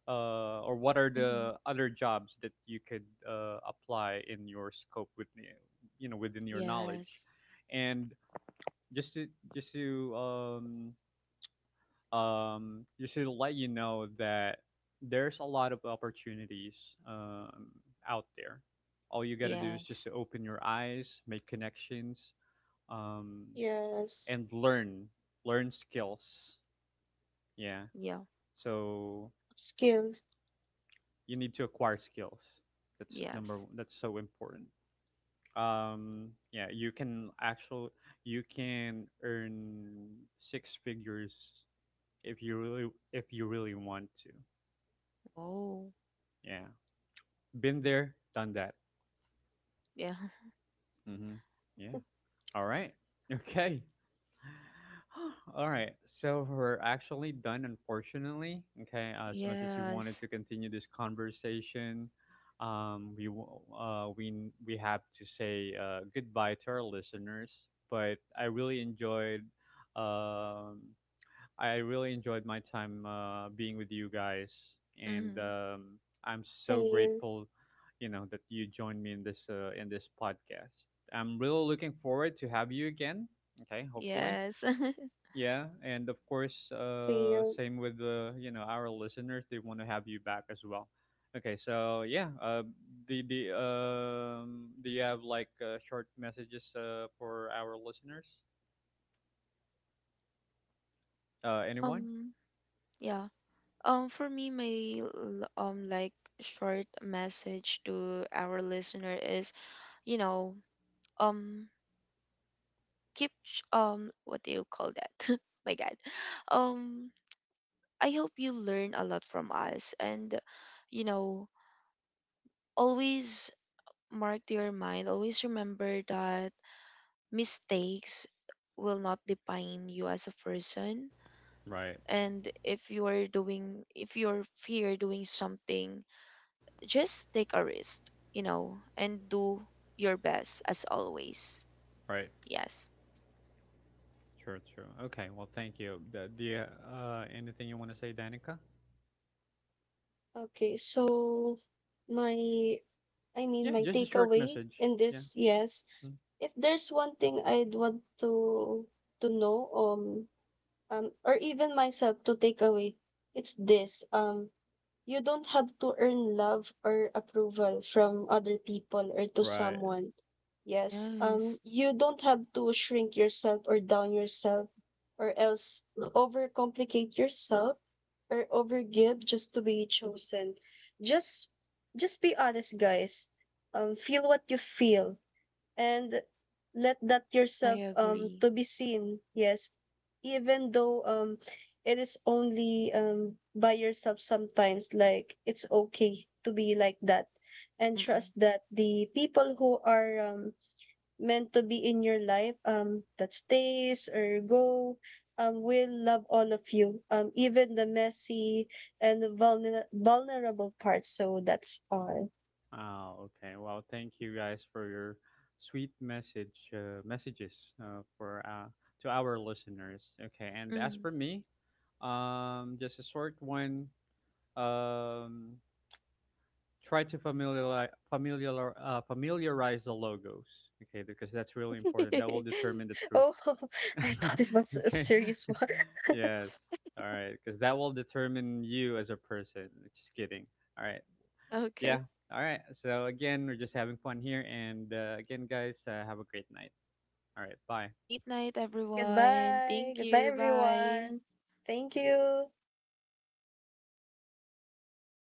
or what are Mm-mm. the other jobs that you could, apply in your scope with, you know, within your knowledge, Yes. and just to, just to, you should let you know that there's a lot of opportunities, um, out there. All you got to do is just Yes. to open your eyes, make connections, um, Yes. and learn, learn skills. Yeah. Yeah. So Upskill. you need to acquire skills. That's number Yes. one. That's so important. Yeah, you can actually, you can earn six figures if you really, if you really want to. Oh. Yeah. Been there, done that. Yeah. Hmm. Yeah. All right. Okay. All right. So we're actually done, unfortunately. Okay. As much as we wanted Yes. to continue this conversation, we have to say, goodbye to our listeners. But I really enjoyed, um, I really enjoyed my time, being with you guys, and Mm-hmm. I'm so Save. grateful, you know, that you joined me in this, in this podcast. I'm really looking forward to have you again. Okay, hopefully, Yes. yeah, and of course, Save. same with, you know, our listeners; they want to have you back as well. Okay, so yeah, the do you have like, short messages, for our listeners? Anyone? Um, yeah. For me, my like short message to our listener is, you know, um, keep what do you call that? My God, um, I hope you learn a lot from us. And you know, always mark to your mind, always remember that mistakes will not define you as a person. Right, And if you are doing, if you're fear doing something, just take a risk, you know, and do your best as always. right. Yes. Sure, sure. Okay, well, thank you. The anything you want to say, Danica? Okay, so my, I Yeah, mean, my just a short takeaway message. in Yeah. this, yes, Mm. if there's one thing I'd want to know, or even myself to take away, it's this. You don't have to earn love or approval from other people or to Right. someone. Yes. Yes, You don't have to shrink yourself or down yourself or else overcomplicate yourself or overgive just to be chosen. Just just be honest, guys. Feel what you feel and let that I yourself agree. to be seen yes even though it is only by yourself sometimes like it's okay to be like that and Mm-mm. trust that the people who are meant to be in your life that stays or go will love all of you even the messy and the vulnerable parts so that's all. Oh, okay. Well, thank you guys for your sweet messages, for, to our listeners. Okay, and as Mm. for me, just a short one. Um, try to familiarize the logos. Okay, because that's really important. That will determine the truth. oh I thought it was a Okay. serious one. Yes. All right. Because that will determine you as a person. Just kidding. All right. Yeah. Okay. All right. So, again, we're just having fun here. And again, guys, have a great night. All right. Bye. Great night, everyone. Goodbye. Thank Goodbye, you. Bye. everyone. Thank you.